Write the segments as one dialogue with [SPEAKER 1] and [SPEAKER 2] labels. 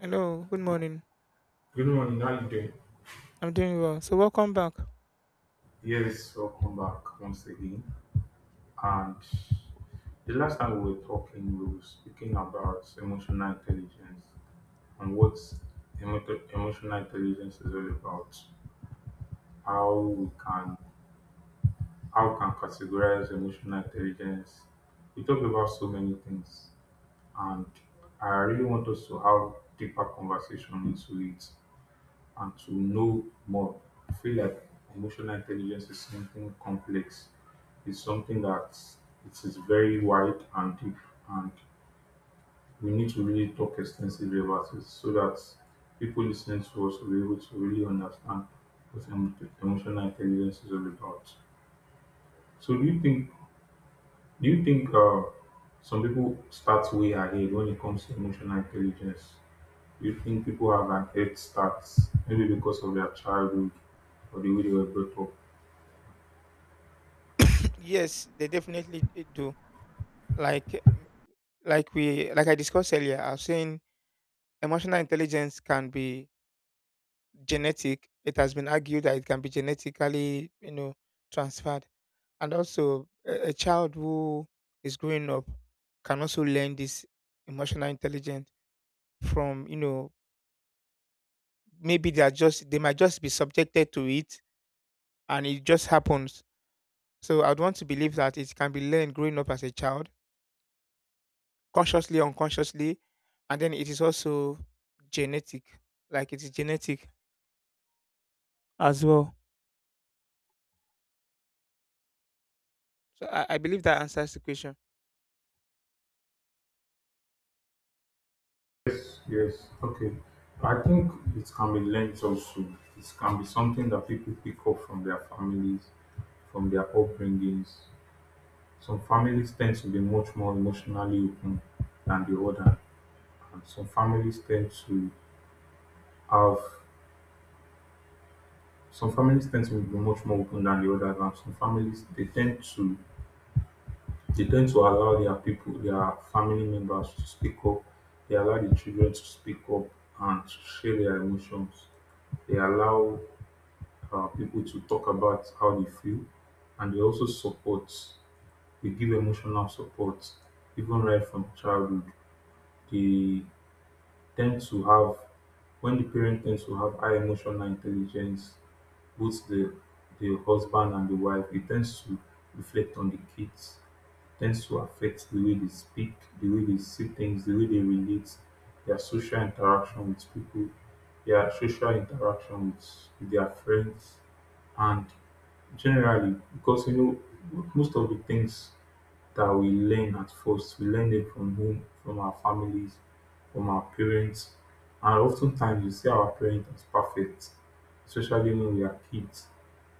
[SPEAKER 1] Hello, good morning.
[SPEAKER 2] Good morning, how you doing?
[SPEAKER 1] I'm doing well. So welcome back.
[SPEAKER 2] Yes, welcome back once again. And the last time we were talking, we were speaking about emotional intelligence and emotional intelligence is all about. How we can how we can categorize emotional intelligence. We talked about so many things, and I really want us to have deeper conversation into it, and to know more. I feel like emotional intelligence is something complex. It's something that it is very wide and deep, and we need to really talk extensively about it so that people listening to us will be able to really understand what emo- emotional intelligence is all about. So, do you think some people start way ahead when it comes to emotional intelligence? You think people have an head start, maybe because of their childhood or the way they were brought up?
[SPEAKER 1] Yes, they definitely do. Like mm, like we like I discussed earlier, I was saying emotional intelligence can be genetic. It has been argued that it can be genetically, you know, transferred. And also a child who is growing up can also learn this emotional intelligence from, you know, maybe they might just be subjected to it and it just happens. So I'd want to believe that it can be learned growing up as a child, consciously, unconsciously, and then it is also genetic, like it is genetic as well. So I believe that answers the question.
[SPEAKER 2] Yes, yes. Okay. I think it can be learned also. It can be something that people pick up from their families, from their upbringings. Some families tend to be much more emotionally open than the other, and have some families tend to be much more open than the others, and some families they tend to. They tend to allow their people, their family members to speak up. They allow the children to speak up and to share their emotions. They allow people to talk about how they feel, and they also support, they give emotional support even right from childhood. They tend to have, when the parent tends to have high emotional intelligence, both the, the husband and the wife, it tends to reflect on the kids, tends to affect the way they speak, the way they see things, the way they relate, their social interaction with people, their social interaction with their friends, and generally, because you know, most of the things that we learn at first, we learn them from home, from our families, from our parents, and oftentimes we see our parents as perfect, especially when we are kids.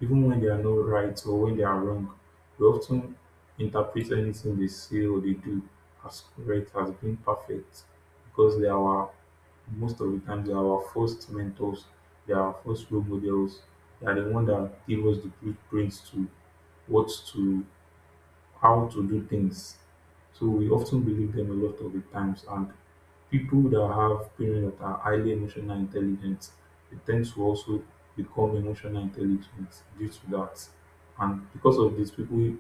[SPEAKER 2] Even when they are not right or when they are wrong, we often interpret anything they say or they do as correct, as being perfect, because they are our, most of the time, they are our first mentors, they are our first role models, they are the one that give us the blueprints to what to how to do things. So we often believe them a lot of the times. And people that have parents that are highly emotional intelligent, they tend to also become emotional intelligent due to that. And because of this, people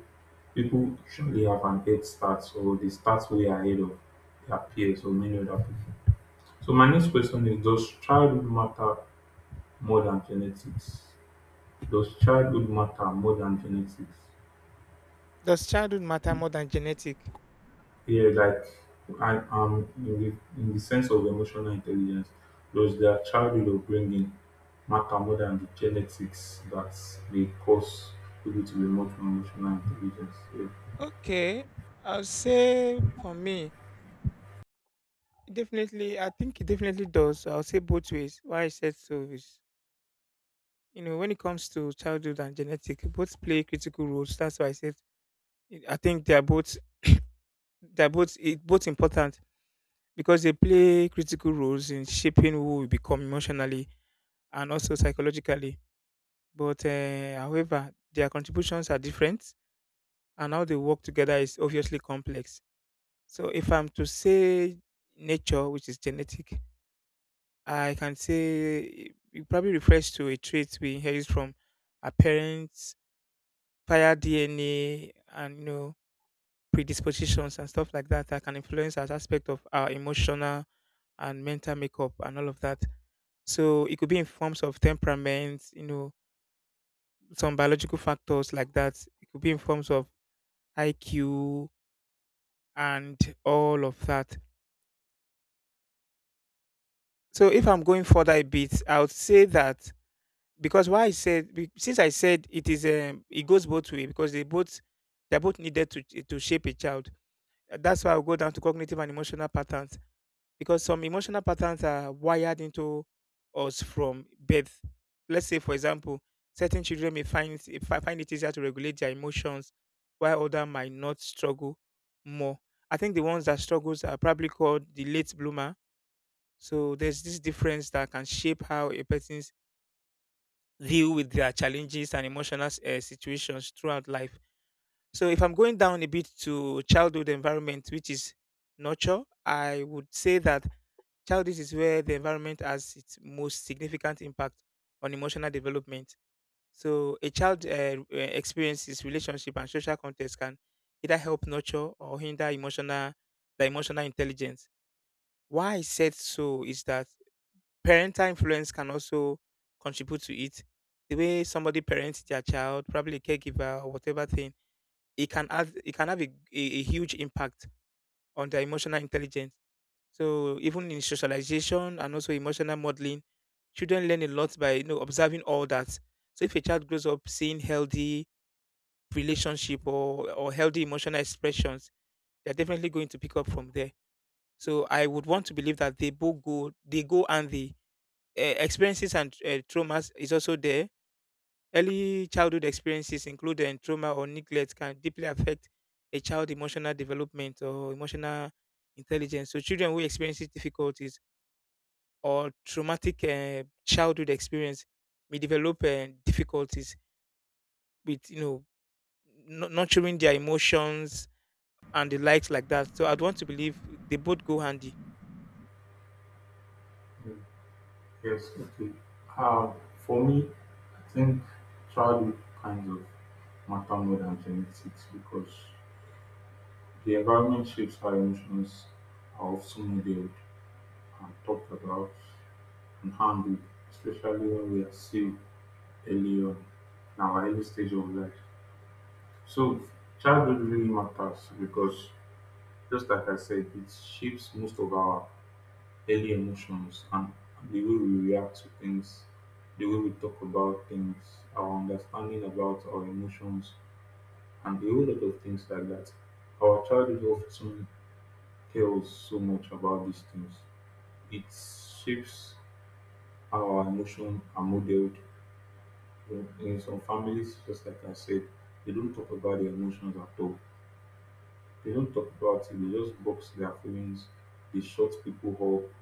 [SPEAKER 2] people usually have an head start or they start way ahead of their peers or many other people. So my next question is, does childhood matter more than genetics? Does childhood matter more than genetics?
[SPEAKER 1] Does childhood matter more than genetic?
[SPEAKER 2] Yeah, like I, in the sense of emotional intelligence, does their childhood upbringing matter more than the genetics that may cause people to be much more emotional intelligence? Yeah.
[SPEAKER 1] Okay, I'll say for me, definitely, I think it definitely does. I'll say both ways. Why I said so is, you know, when it comes to childhood and genetic, both play critical roles. That's why I said I think they are both both important because they play critical roles in shaping who we become emotionally and also psychologically. But however, their contributions are different, and how they work together is obviously complex. So, if I'm to say nature, which is genetic, I can say it probably refers to a trait we inherit from our parents via DNA and, you know, predispositions and stuff like that that can influence as aspect of our emotional and mental makeup and all of that. So it could be in forms of temperament, you know, some biological factors like that. It could be in forms of IQ and all of that. So if I'm going further a bit, I would say that because why I said be- since I said it is it goes both way because they're both needed to shape a child. That's why I'll go down to cognitive and emotional patterns because some emotional patterns are wired into us from birth. Let's say, for example, certain children may find it easier to regulate their emotions, while others might not struggle more. I think the ones that struggles are probably called the late bloomer. So there's this difference that can shape how a person's deal with their challenges and emotional situations throughout life. So if I'm going down a bit to childhood environment, which is nurture, I would say that childish is where the environment has its most significant impact on emotional development. So, a child experiences relationship and social context can either help nurture or hinder emotional the emotional intelligence. Why I said so is that parental influence can also contribute to it. The way somebody parents their child, probably a caregiver or whatever thing, it can have a huge impact on their emotional intelligence, so even in socialization and also emotional modeling, children learn a lot by, you know, observing all that. So if a child grows up seeing healthy relationship or healthy emotional expressions, they're definitely going to pick up from there. So I would want to believe that they go, and the experiences and traumas is also there. Early childhood experiences, including trauma or neglect, can deeply affect a child's emotional development or emotional intelligence. So children who experience difficulties or traumatic childhood experience may develop difficulties with, you know, nurturing their emotions and the likes like that. So I'd want to believe they both go handy.
[SPEAKER 2] Mm. Yes, okay. Um, for me, I think childhood kind of matter more than genetics because the environment shapes how emotions are often modeled and talked about and handled, especially when we are still earlier. Now, our early stage of life. So, childhood really matters because, just like I said, it shapes most of our early emotions and the way we react to things, the way we talk about things, our understanding about our emotions, and a whole lot of things like that. Our childhood often tells so much about these things. It shapes our emotion and model. In some families, just like I said, they don't talk about their emotions at all. They don't talk about it. They just box their feelings. They shut people up,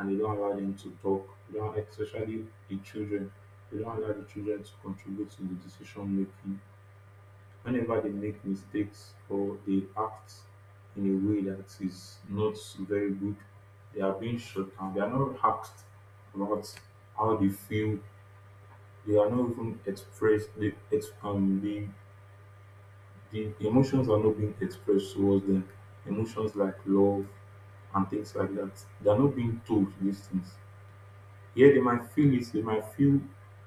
[SPEAKER 2] and they don't allow them to talk. They don't, especially the children. They don't allow the children to contribute to the decision making. Whenever they make mistakes or they act in a way that is not very good, they are being shut down. They are not asked about how they feel. They are not even expressed. They, the emotions are not being expressed towards them. Emotions like love and things like that. They are not being told these things. Yeah, they might feel it, they might feel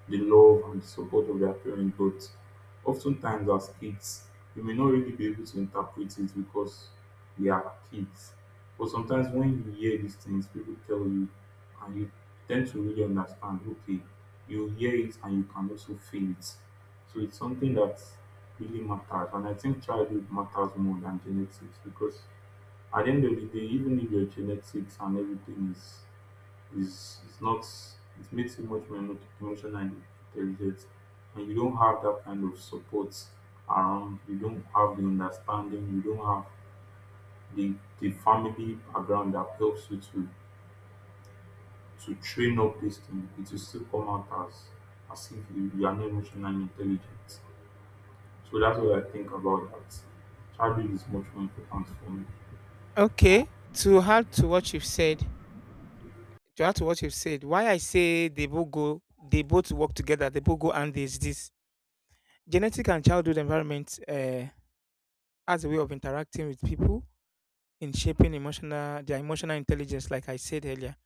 [SPEAKER 2] the love and the support of their parents, but oftentimes as kids, you may not really be able to interpret it because we are kids. But sometimes when you hear these things, people tell you, and you tend to really understand, okay, you hear it and you can also feel it. So it's something that really matters. And I think childhood matters more than genetics because at the end of the day, even if your genetics and everything is it's not, it makes it much more emotional and intelligent, and you don't have that kind of support around, you don't have the understanding, you don't have the the family background that helps you to train up this thing, it will still come out as if you are not emotionally intelligent. So that's what I think about that. Childhood is much more important for me.
[SPEAKER 1] Okay, to add to what you've said, to add to what you've said, why I say they both go, they both work together, they both go, and is this genetic and childhood environment as a way of interacting with people in shaping emotional their emotional intelligence, like I said earlier.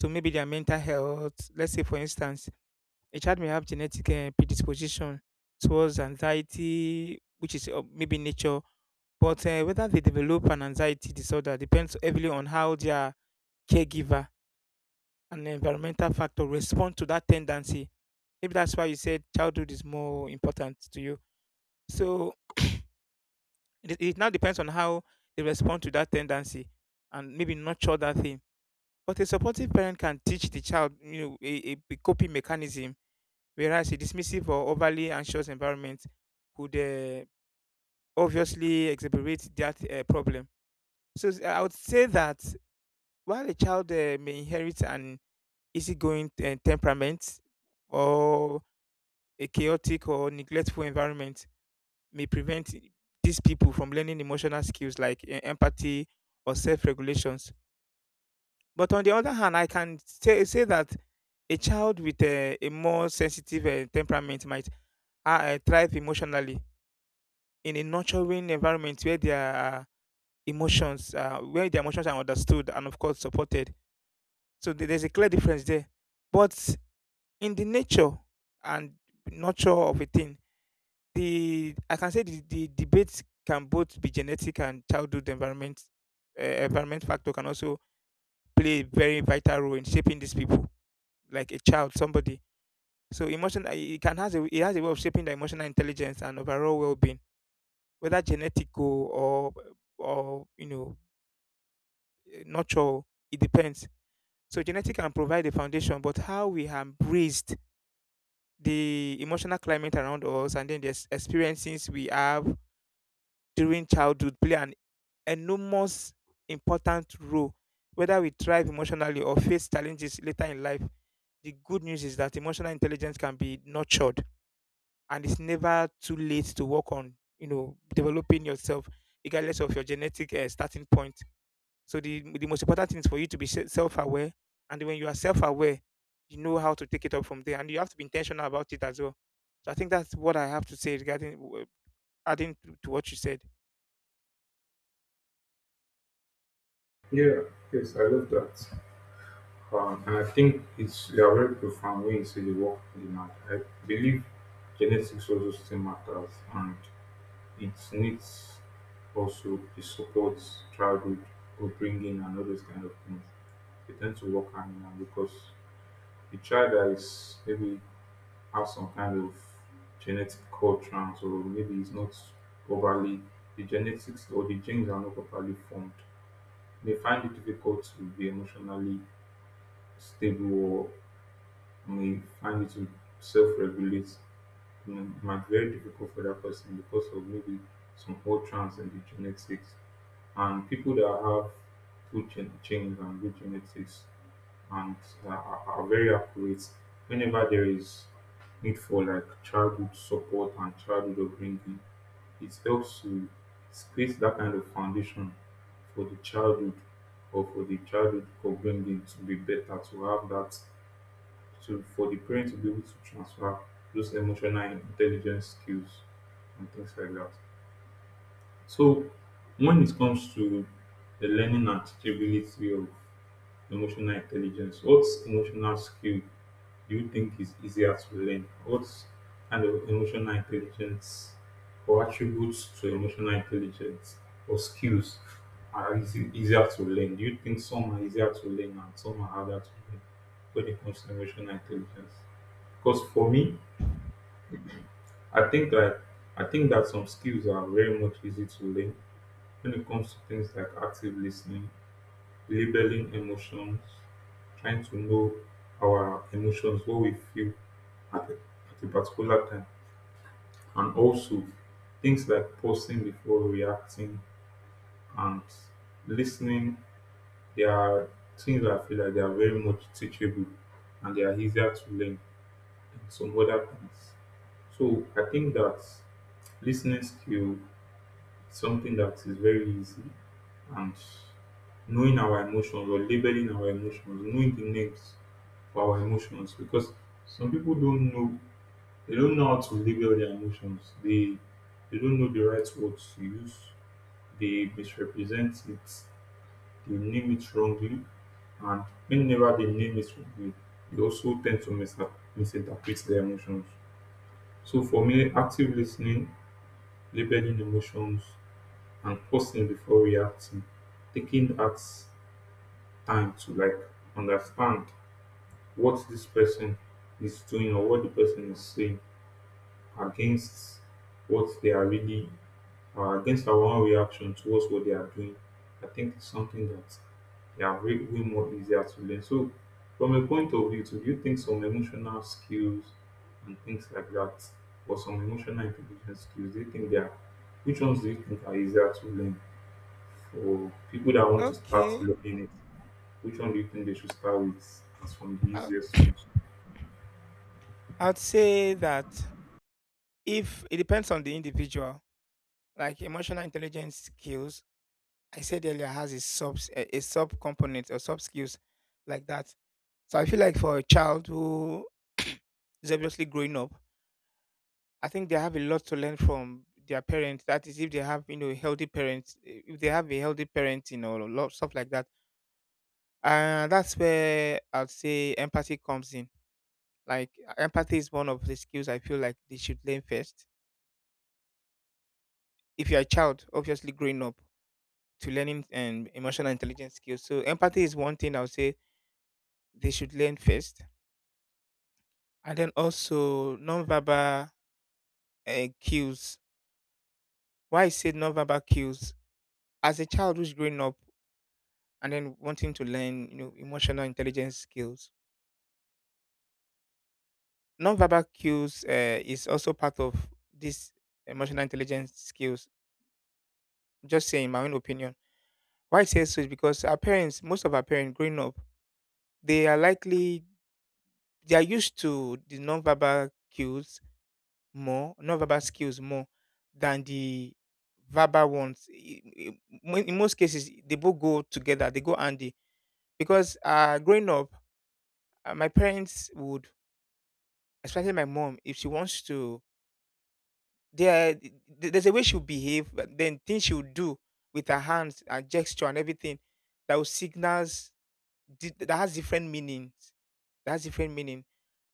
[SPEAKER 1] So maybe their mental health. Let's say, for instance, a child may have genetic predisposition towards anxiety, which is maybe nature, but whether they develop an anxiety disorder depends heavily on how their caregiver and environmental factor respond to that tendency. Maybe that's why you said childhood is more important to you. So it now depends on how they respond to that tendency and maybe nurture that thing. But a supportive parent can teach the child, you know, a coping mechanism, whereas a dismissive or overly anxious environment could obviously exacerbate that problem. So I would say that while a child may inherit an easygoing temperament, or a chaotic or neglectful environment may prevent these people from learning emotional skills like empathy or self-regulation. But on the other hand, I can say that a child with a more sensitive temperament might thrive emotionally in a nurturing environment where where their emotions are understood and of course supported. So there's a clear difference there. But in the nature and nurture of a thing, the I can say the debate can both be genetic and childhood environment. Environment factor can also play a very vital role in shaping these people, like a child, somebody. So emotion it can has a it has a way of shaping the emotional intelligence and overall well being, whether genetical or or, you know, nurture. It depends. So genetic can provide the foundation, but how we have raised the emotional climate around us and then the experiences we have during childhood play an enormous important role whether we thrive emotionally or face challenges later in life. The good news is that emotional intelligence can be nurtured, and it's never too late to work on, you know, developing yourself regardless of your genetic starting point. So the most important thing is for you to be self-aware, and when you are self-aware, you know how to take it up from there, and you have to be intentional about it as well. So I think that's what I have to say regarding adding to what you said.
[SPEAKER 2] Yeah, yes, I love that. And I think it's you are very profound when you say the work they had. I believe genetics also still matters and it needs also the support, childhood, upbringing, and all those kind of things. They tend to work hand in hand because the child that is maybe has some kind of genetic core trans or maybe is not overly the genetics or the genes are not properly formed. They find it difficult to be emotionally stable, may find it to self-regulate, you know, it might be very difficult for that person because of maybe some utterance in the genetics. And people that have good genes and good genetics and are very accurate, whenever there is need for like childhood support and childhood upbringing, it helps to, it creates that kind of foundation for the childhood or for the childhood upbringing to be better, to have that, to for the parent to be able to transfer those emotional intelligence skills and things like that. So when it comes to the learning and teachability of emotional intelligence, what emotional skill do you think is easier to learn? What kind of emotional intelligence or attributes to emotional intelligence or skills are easy, easier to learn? Do you think some are easier to learn and some are harder to learn when it comes to emotional intelligence? Because for me, I think that I think that some skills are very much easy to learn when it comes to things like active listening, labeling emotions, trying to know our emotions, what we feel at a, at a particular time, and also things like pausing before reacting and listening. They are things that I feel like they are very much teachable and they are easier to learn than some other things. So I think that listening skill something that is very easy, and knowing our emotions or labeling our emotions, knowing the names for our emotions, because some people don't know, they don't know how to label their emotions. They don't know the right words to use, they misrepresent it, they name it wrongly, and whenever they name it wrongly, they also tend to misinterpret their emotions. So for me, active listening, labeling emotions and pausing before reacting, taking that time to like understand what this person is doing or what the person is saying, against what they are really, or against our own reaction towards what they are doing. I think it's something that they are way, way more easier to learn. So, from a point of view, do you think some emotional skills and things like that, or some emotional intelligence skills, do you think they are, which ones do you think are easier to learn? For people that want to start
[SPEAKER 1] Okay,
[SPEAKER 2] learning it, which one do you think they should start with as from the
[SPEAKER 1] I,
[SPEAKER 2] easiest ones?
[SPEAKER 1] I'd say that if it depends on the individual, like emotional intelligence skills, I said earlier, has a a sub component or sub skills like that. So I feel like for a child who is obviously growing up, I think they have a lot to learn from their parents. That is, if they have, you know, healthy parents, if they have a healthy parenting or lot stuff like that, and that's where I'd say empathy comes in. Like empathy is one of the skills I feel like they should learn first. If you're a child, obviously growing up to learning and emotional intelligence skills, so empathy is one thing I would say they should learn first, and then also non-verbal cues. Why I say non-verbal cues, as a child who's growing up and then wanting to learn, you know, emotional intelligence skills, nonverbal cues is also part of this emotional intelligence skills. Just saying my own opinion. Why I say so is because our parents, most of our parents growing up, they are likely they are used to the nonverbal cues more, nonverbal skills more than the verbal ones. In most cases, they both go together. They go handy because, growing up, my parents would, especially my mom, if she wants to, there, th- there's a way she'll behave, but then things she'll do with her hands and gesture and everything that will signals that has different meanings. That has different meaning.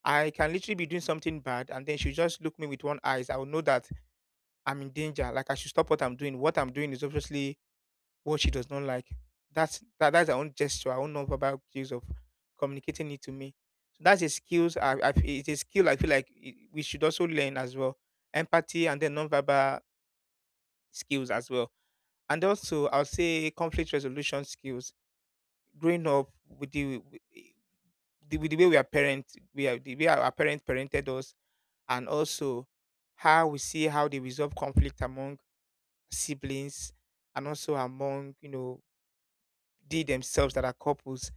[SPEAKER 1] I can literally be doing something bad, and then she'll just look me with one eyes. I will know that I'm in danger. Like I should stop what I'm doing. What I'm doing is obviously what she does not like. That's that's her own gesture, her own nonverbal cues of communicating it to me. So that's a skills. I it's a skill I feel like we should also learn as well, empathy and then nonverbal skills as well, and also I'll say conflict resolution skills. Growing up with the, with the way we are parent, we are the way our parents parented us, and also how we see how they resolve conflict among siblings and also among, you know, they themselves that are couples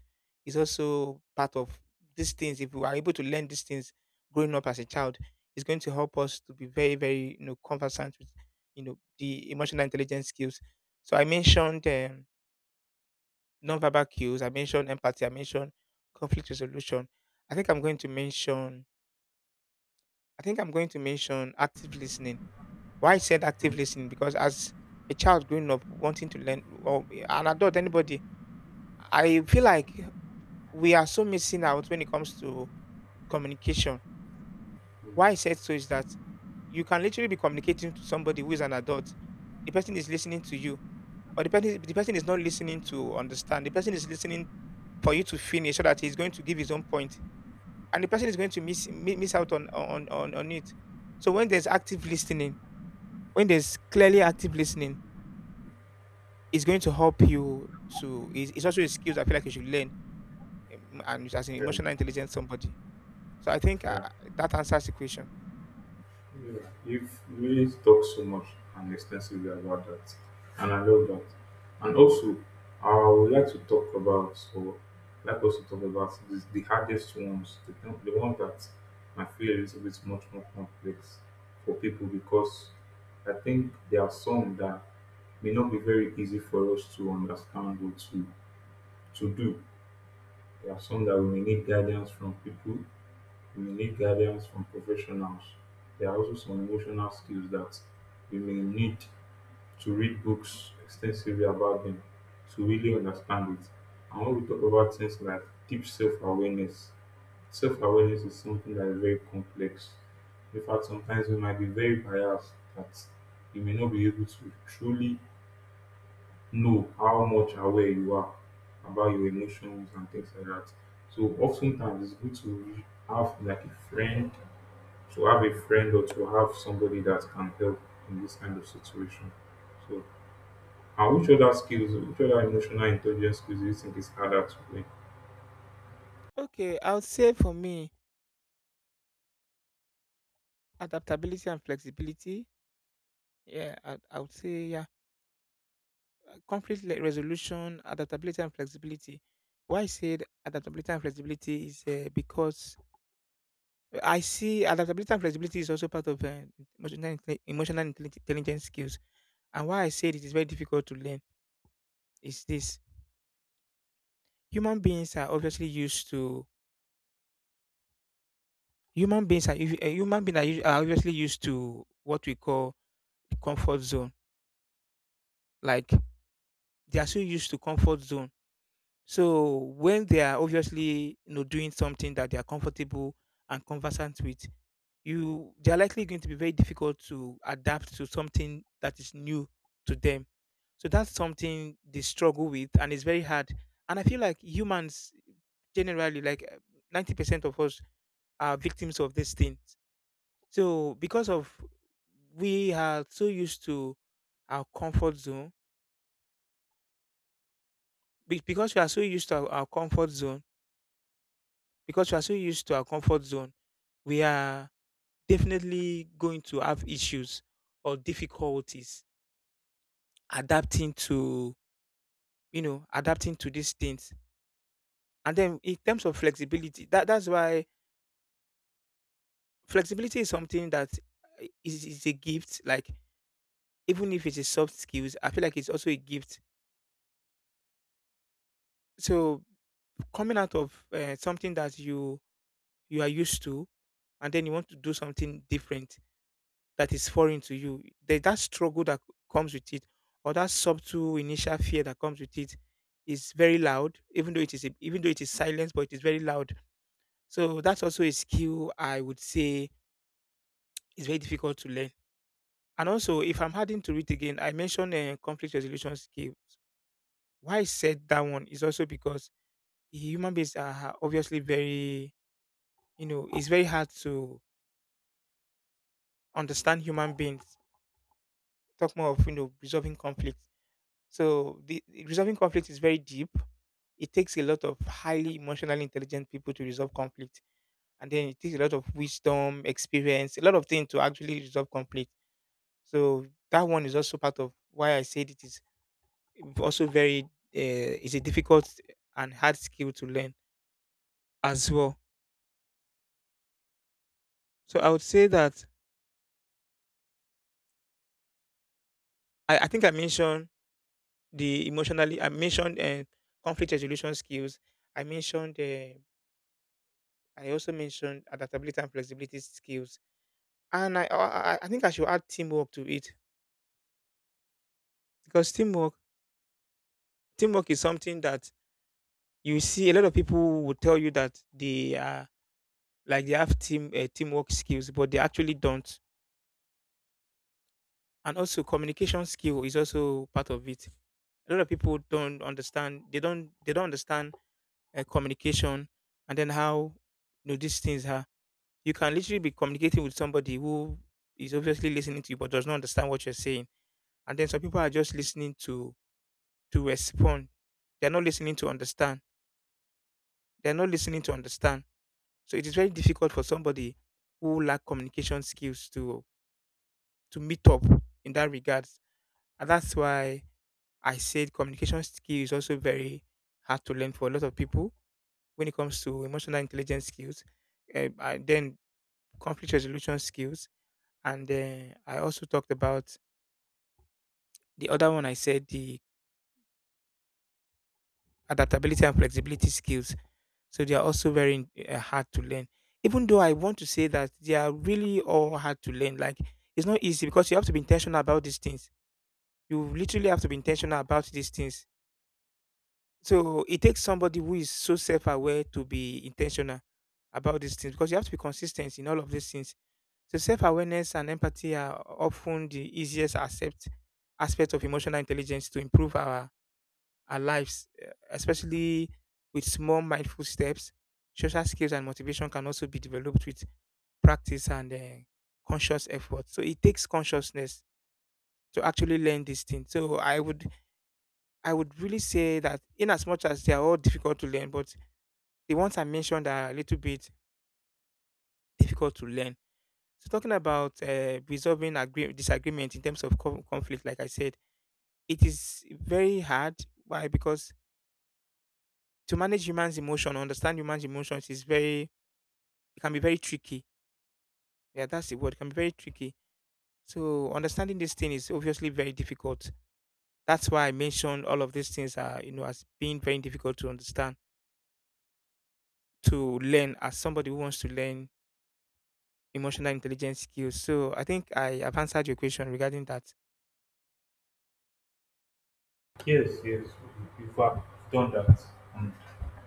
[SPEAKER 1] is also part of these things. If we are able to learn these things growing up as a child, it's going to help us to be very, very, you know, conversant with, you know, the emotional intelligence skills. So I mentioned non cues. I mentioned empathy. I mentioned conflict resolution. I think I'm going to mention. I think I'm going to mention active listening. Why I said active listening because as a child growing up wanting to learn or an adult anybody, I feel like we are so missing out when it comes to communication.
[SPEAKER 2] Mm,
[SPEAKER 1] Why I said so is that you can literally be communicating to somebody who is an adult. The person is listening to you, but the person is not listening to understand. The person is listening for you to finish so that he's going to give his own point, and the person is going to miss out on it. So when there's active listening, when there's clearly active listening, it's going to help you to. It's also a skill I feel like you should learn, and as an
[SPEAKER 2] um,
[SPEAKER 1] emotional intelligence somebody. So I think
[SPEAKER 2] yeah,
[SPEAKER 1] that answers the question.
[SPEAKER 2] yeah. You've really talked so much and extensively about that, and I love that. And also, I would like to talk about, or like us to talk about this, the hardest ones, the one that I feel is a bit much more complex for people, because I think there are some that may not be very easy for us to understand or to do. There are some that we may need guidance from people, we may need guidance from professionals. There are also some emotional skills that we may need to read books extensively about them to really understand it. And when we talk about things like deep self awareness is something that is very complex. In fact, sometimes we might be very biased that we may not be able to truly know how much aware you are about your emotions and things like that. So oftentimes it's good to have like a friend, to have a friend or to have somebody that can help in this kind of situation. So and which other skills, which other emotional intelligence skills do you think is harder to learn?
[SPEAKER 1] Okay, I would say for me, adaptability and flexibility. Yeah, I would say yeah, conflict resolution, adaptability and flexibility. Why I said adaptability and flexibility is because I see adaptability and flexibility is also part of emotional intelligence skills. And why I said it is very difficult to learn is this: human beings are obviously used to human beings are usu- human beings are usu- are obviously used to what we call the comfort zone, like they are so used to comfort zone. So when they are obviously you know doing something that they are comfortable and conversant with, you they are likely going to be very difficult to adapt to something that is new to them. So that's something they struggle with, and it's very hard. And I feel like humans generally, like 90% of us, are victims of these things. So because of we are so used to our comfort zone, because we are so used to our comfort zone, because we are so used to our comfort zone we are definitely going to have issues or difficulties adapting to you know adapting to these things, and then in terms of flexibility, that's why flexibility is something that is a gift, like even if it's a soft skills I feel like it's also a gift. So coming out of something that you are used to and then you want to do something different that is foreign to you. That struggle that comes with it, or that subtle initial fear that comes with it, is very loud. Even though it is, even though it is silence, but it is very loud. So that's also a skill I would say is very difficult to learn. And also, if I'm adding to it again, I mentioned conflict resolution skills. Why I said that one is also because human beings are obviously very, you know, it's very hard to understand human beings. Talk more of you know resolving conflict. So the resolving conflict is very deep. It takes a lot of highly emotionally intelligent people to resolve conflict, and then it takes a lot of wisdom, experience, a lot of things to actually resolve conflict. So that one is also part of why I said it is also very is a difficult and hard skill to learn as well. So I would say that I think I mentioned the emotionally I mentioned conflict resolution skills. I mentioned I also mentioned adaptability and flexibility skills. And I think I should add teamwork to it, because teamwork teamwork is something that you see a lot of people will tell you that they are like they have teamwork skills, but they actually don't. And also communication skill is also part of it. A lot of people don't understand. They don't understand communication and then how you know these things are. You can literally be communicating with somebody who is obviously listening to you but does not understand what you're saying. And then some people are just listening to respond. They're not listening to understand. They're not listening to understand. So it is very difficult for somebody who lack communication skills to meet up in that regards. And that's why I said communication skill is also very hard to learn for a lot of people when it comes to emotional intelligence skills, eh, and then conflict resolution skills. And eh, I also talked about the other one I said the adaptability and flexibility skills. So they are also very hard to learn. Even though I want to say that they are really all hard to learn, like it's not easy because you have to be intentional about these things. You literally have to be intentional about these things. So it takes somebody who is so self-aware to be intentional about these things, because you have to be consistent in all of these things. So self-awareness and empathy are often the easiest accept aspect of emotional intelligence to improve our lives, eh, especially with small mindful steps. Social skills and motivation can also be developed with practice and conscious effort. So it takes consciousness to actually learn these things. So I would really say that in as much as they are all difficult to learn, but the ones I mentioned are a little bit difficult to learn. So talking about resolving disagreement in terms of conflict, like I said, it is very hard. Why? Because to manage humans' emotion, understand humans' emotions is very it can be very tricky. Yeah, that's the word. It can be very tricky. So understanding this thing is obviously very difficult. That's why I mentioned all of these things are, you know, as being very difficult to understand, to learn as somebody who wants to learn emotional intelligence skills. So I think I have answered your question regarding that.
[SPEAKER 2] Yes, yes, we've done that. And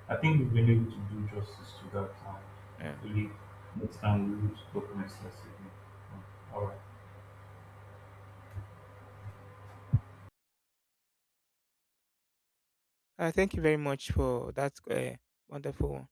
[SPEAKER 2] I think we've been able to do justice to that. And
[SPEAKER 1] Yeah.
[SPEAKER 2] hopefully, next time we will talk more extensively. All right.
[SPEAKER 1] Thank you very much for that wonderful one.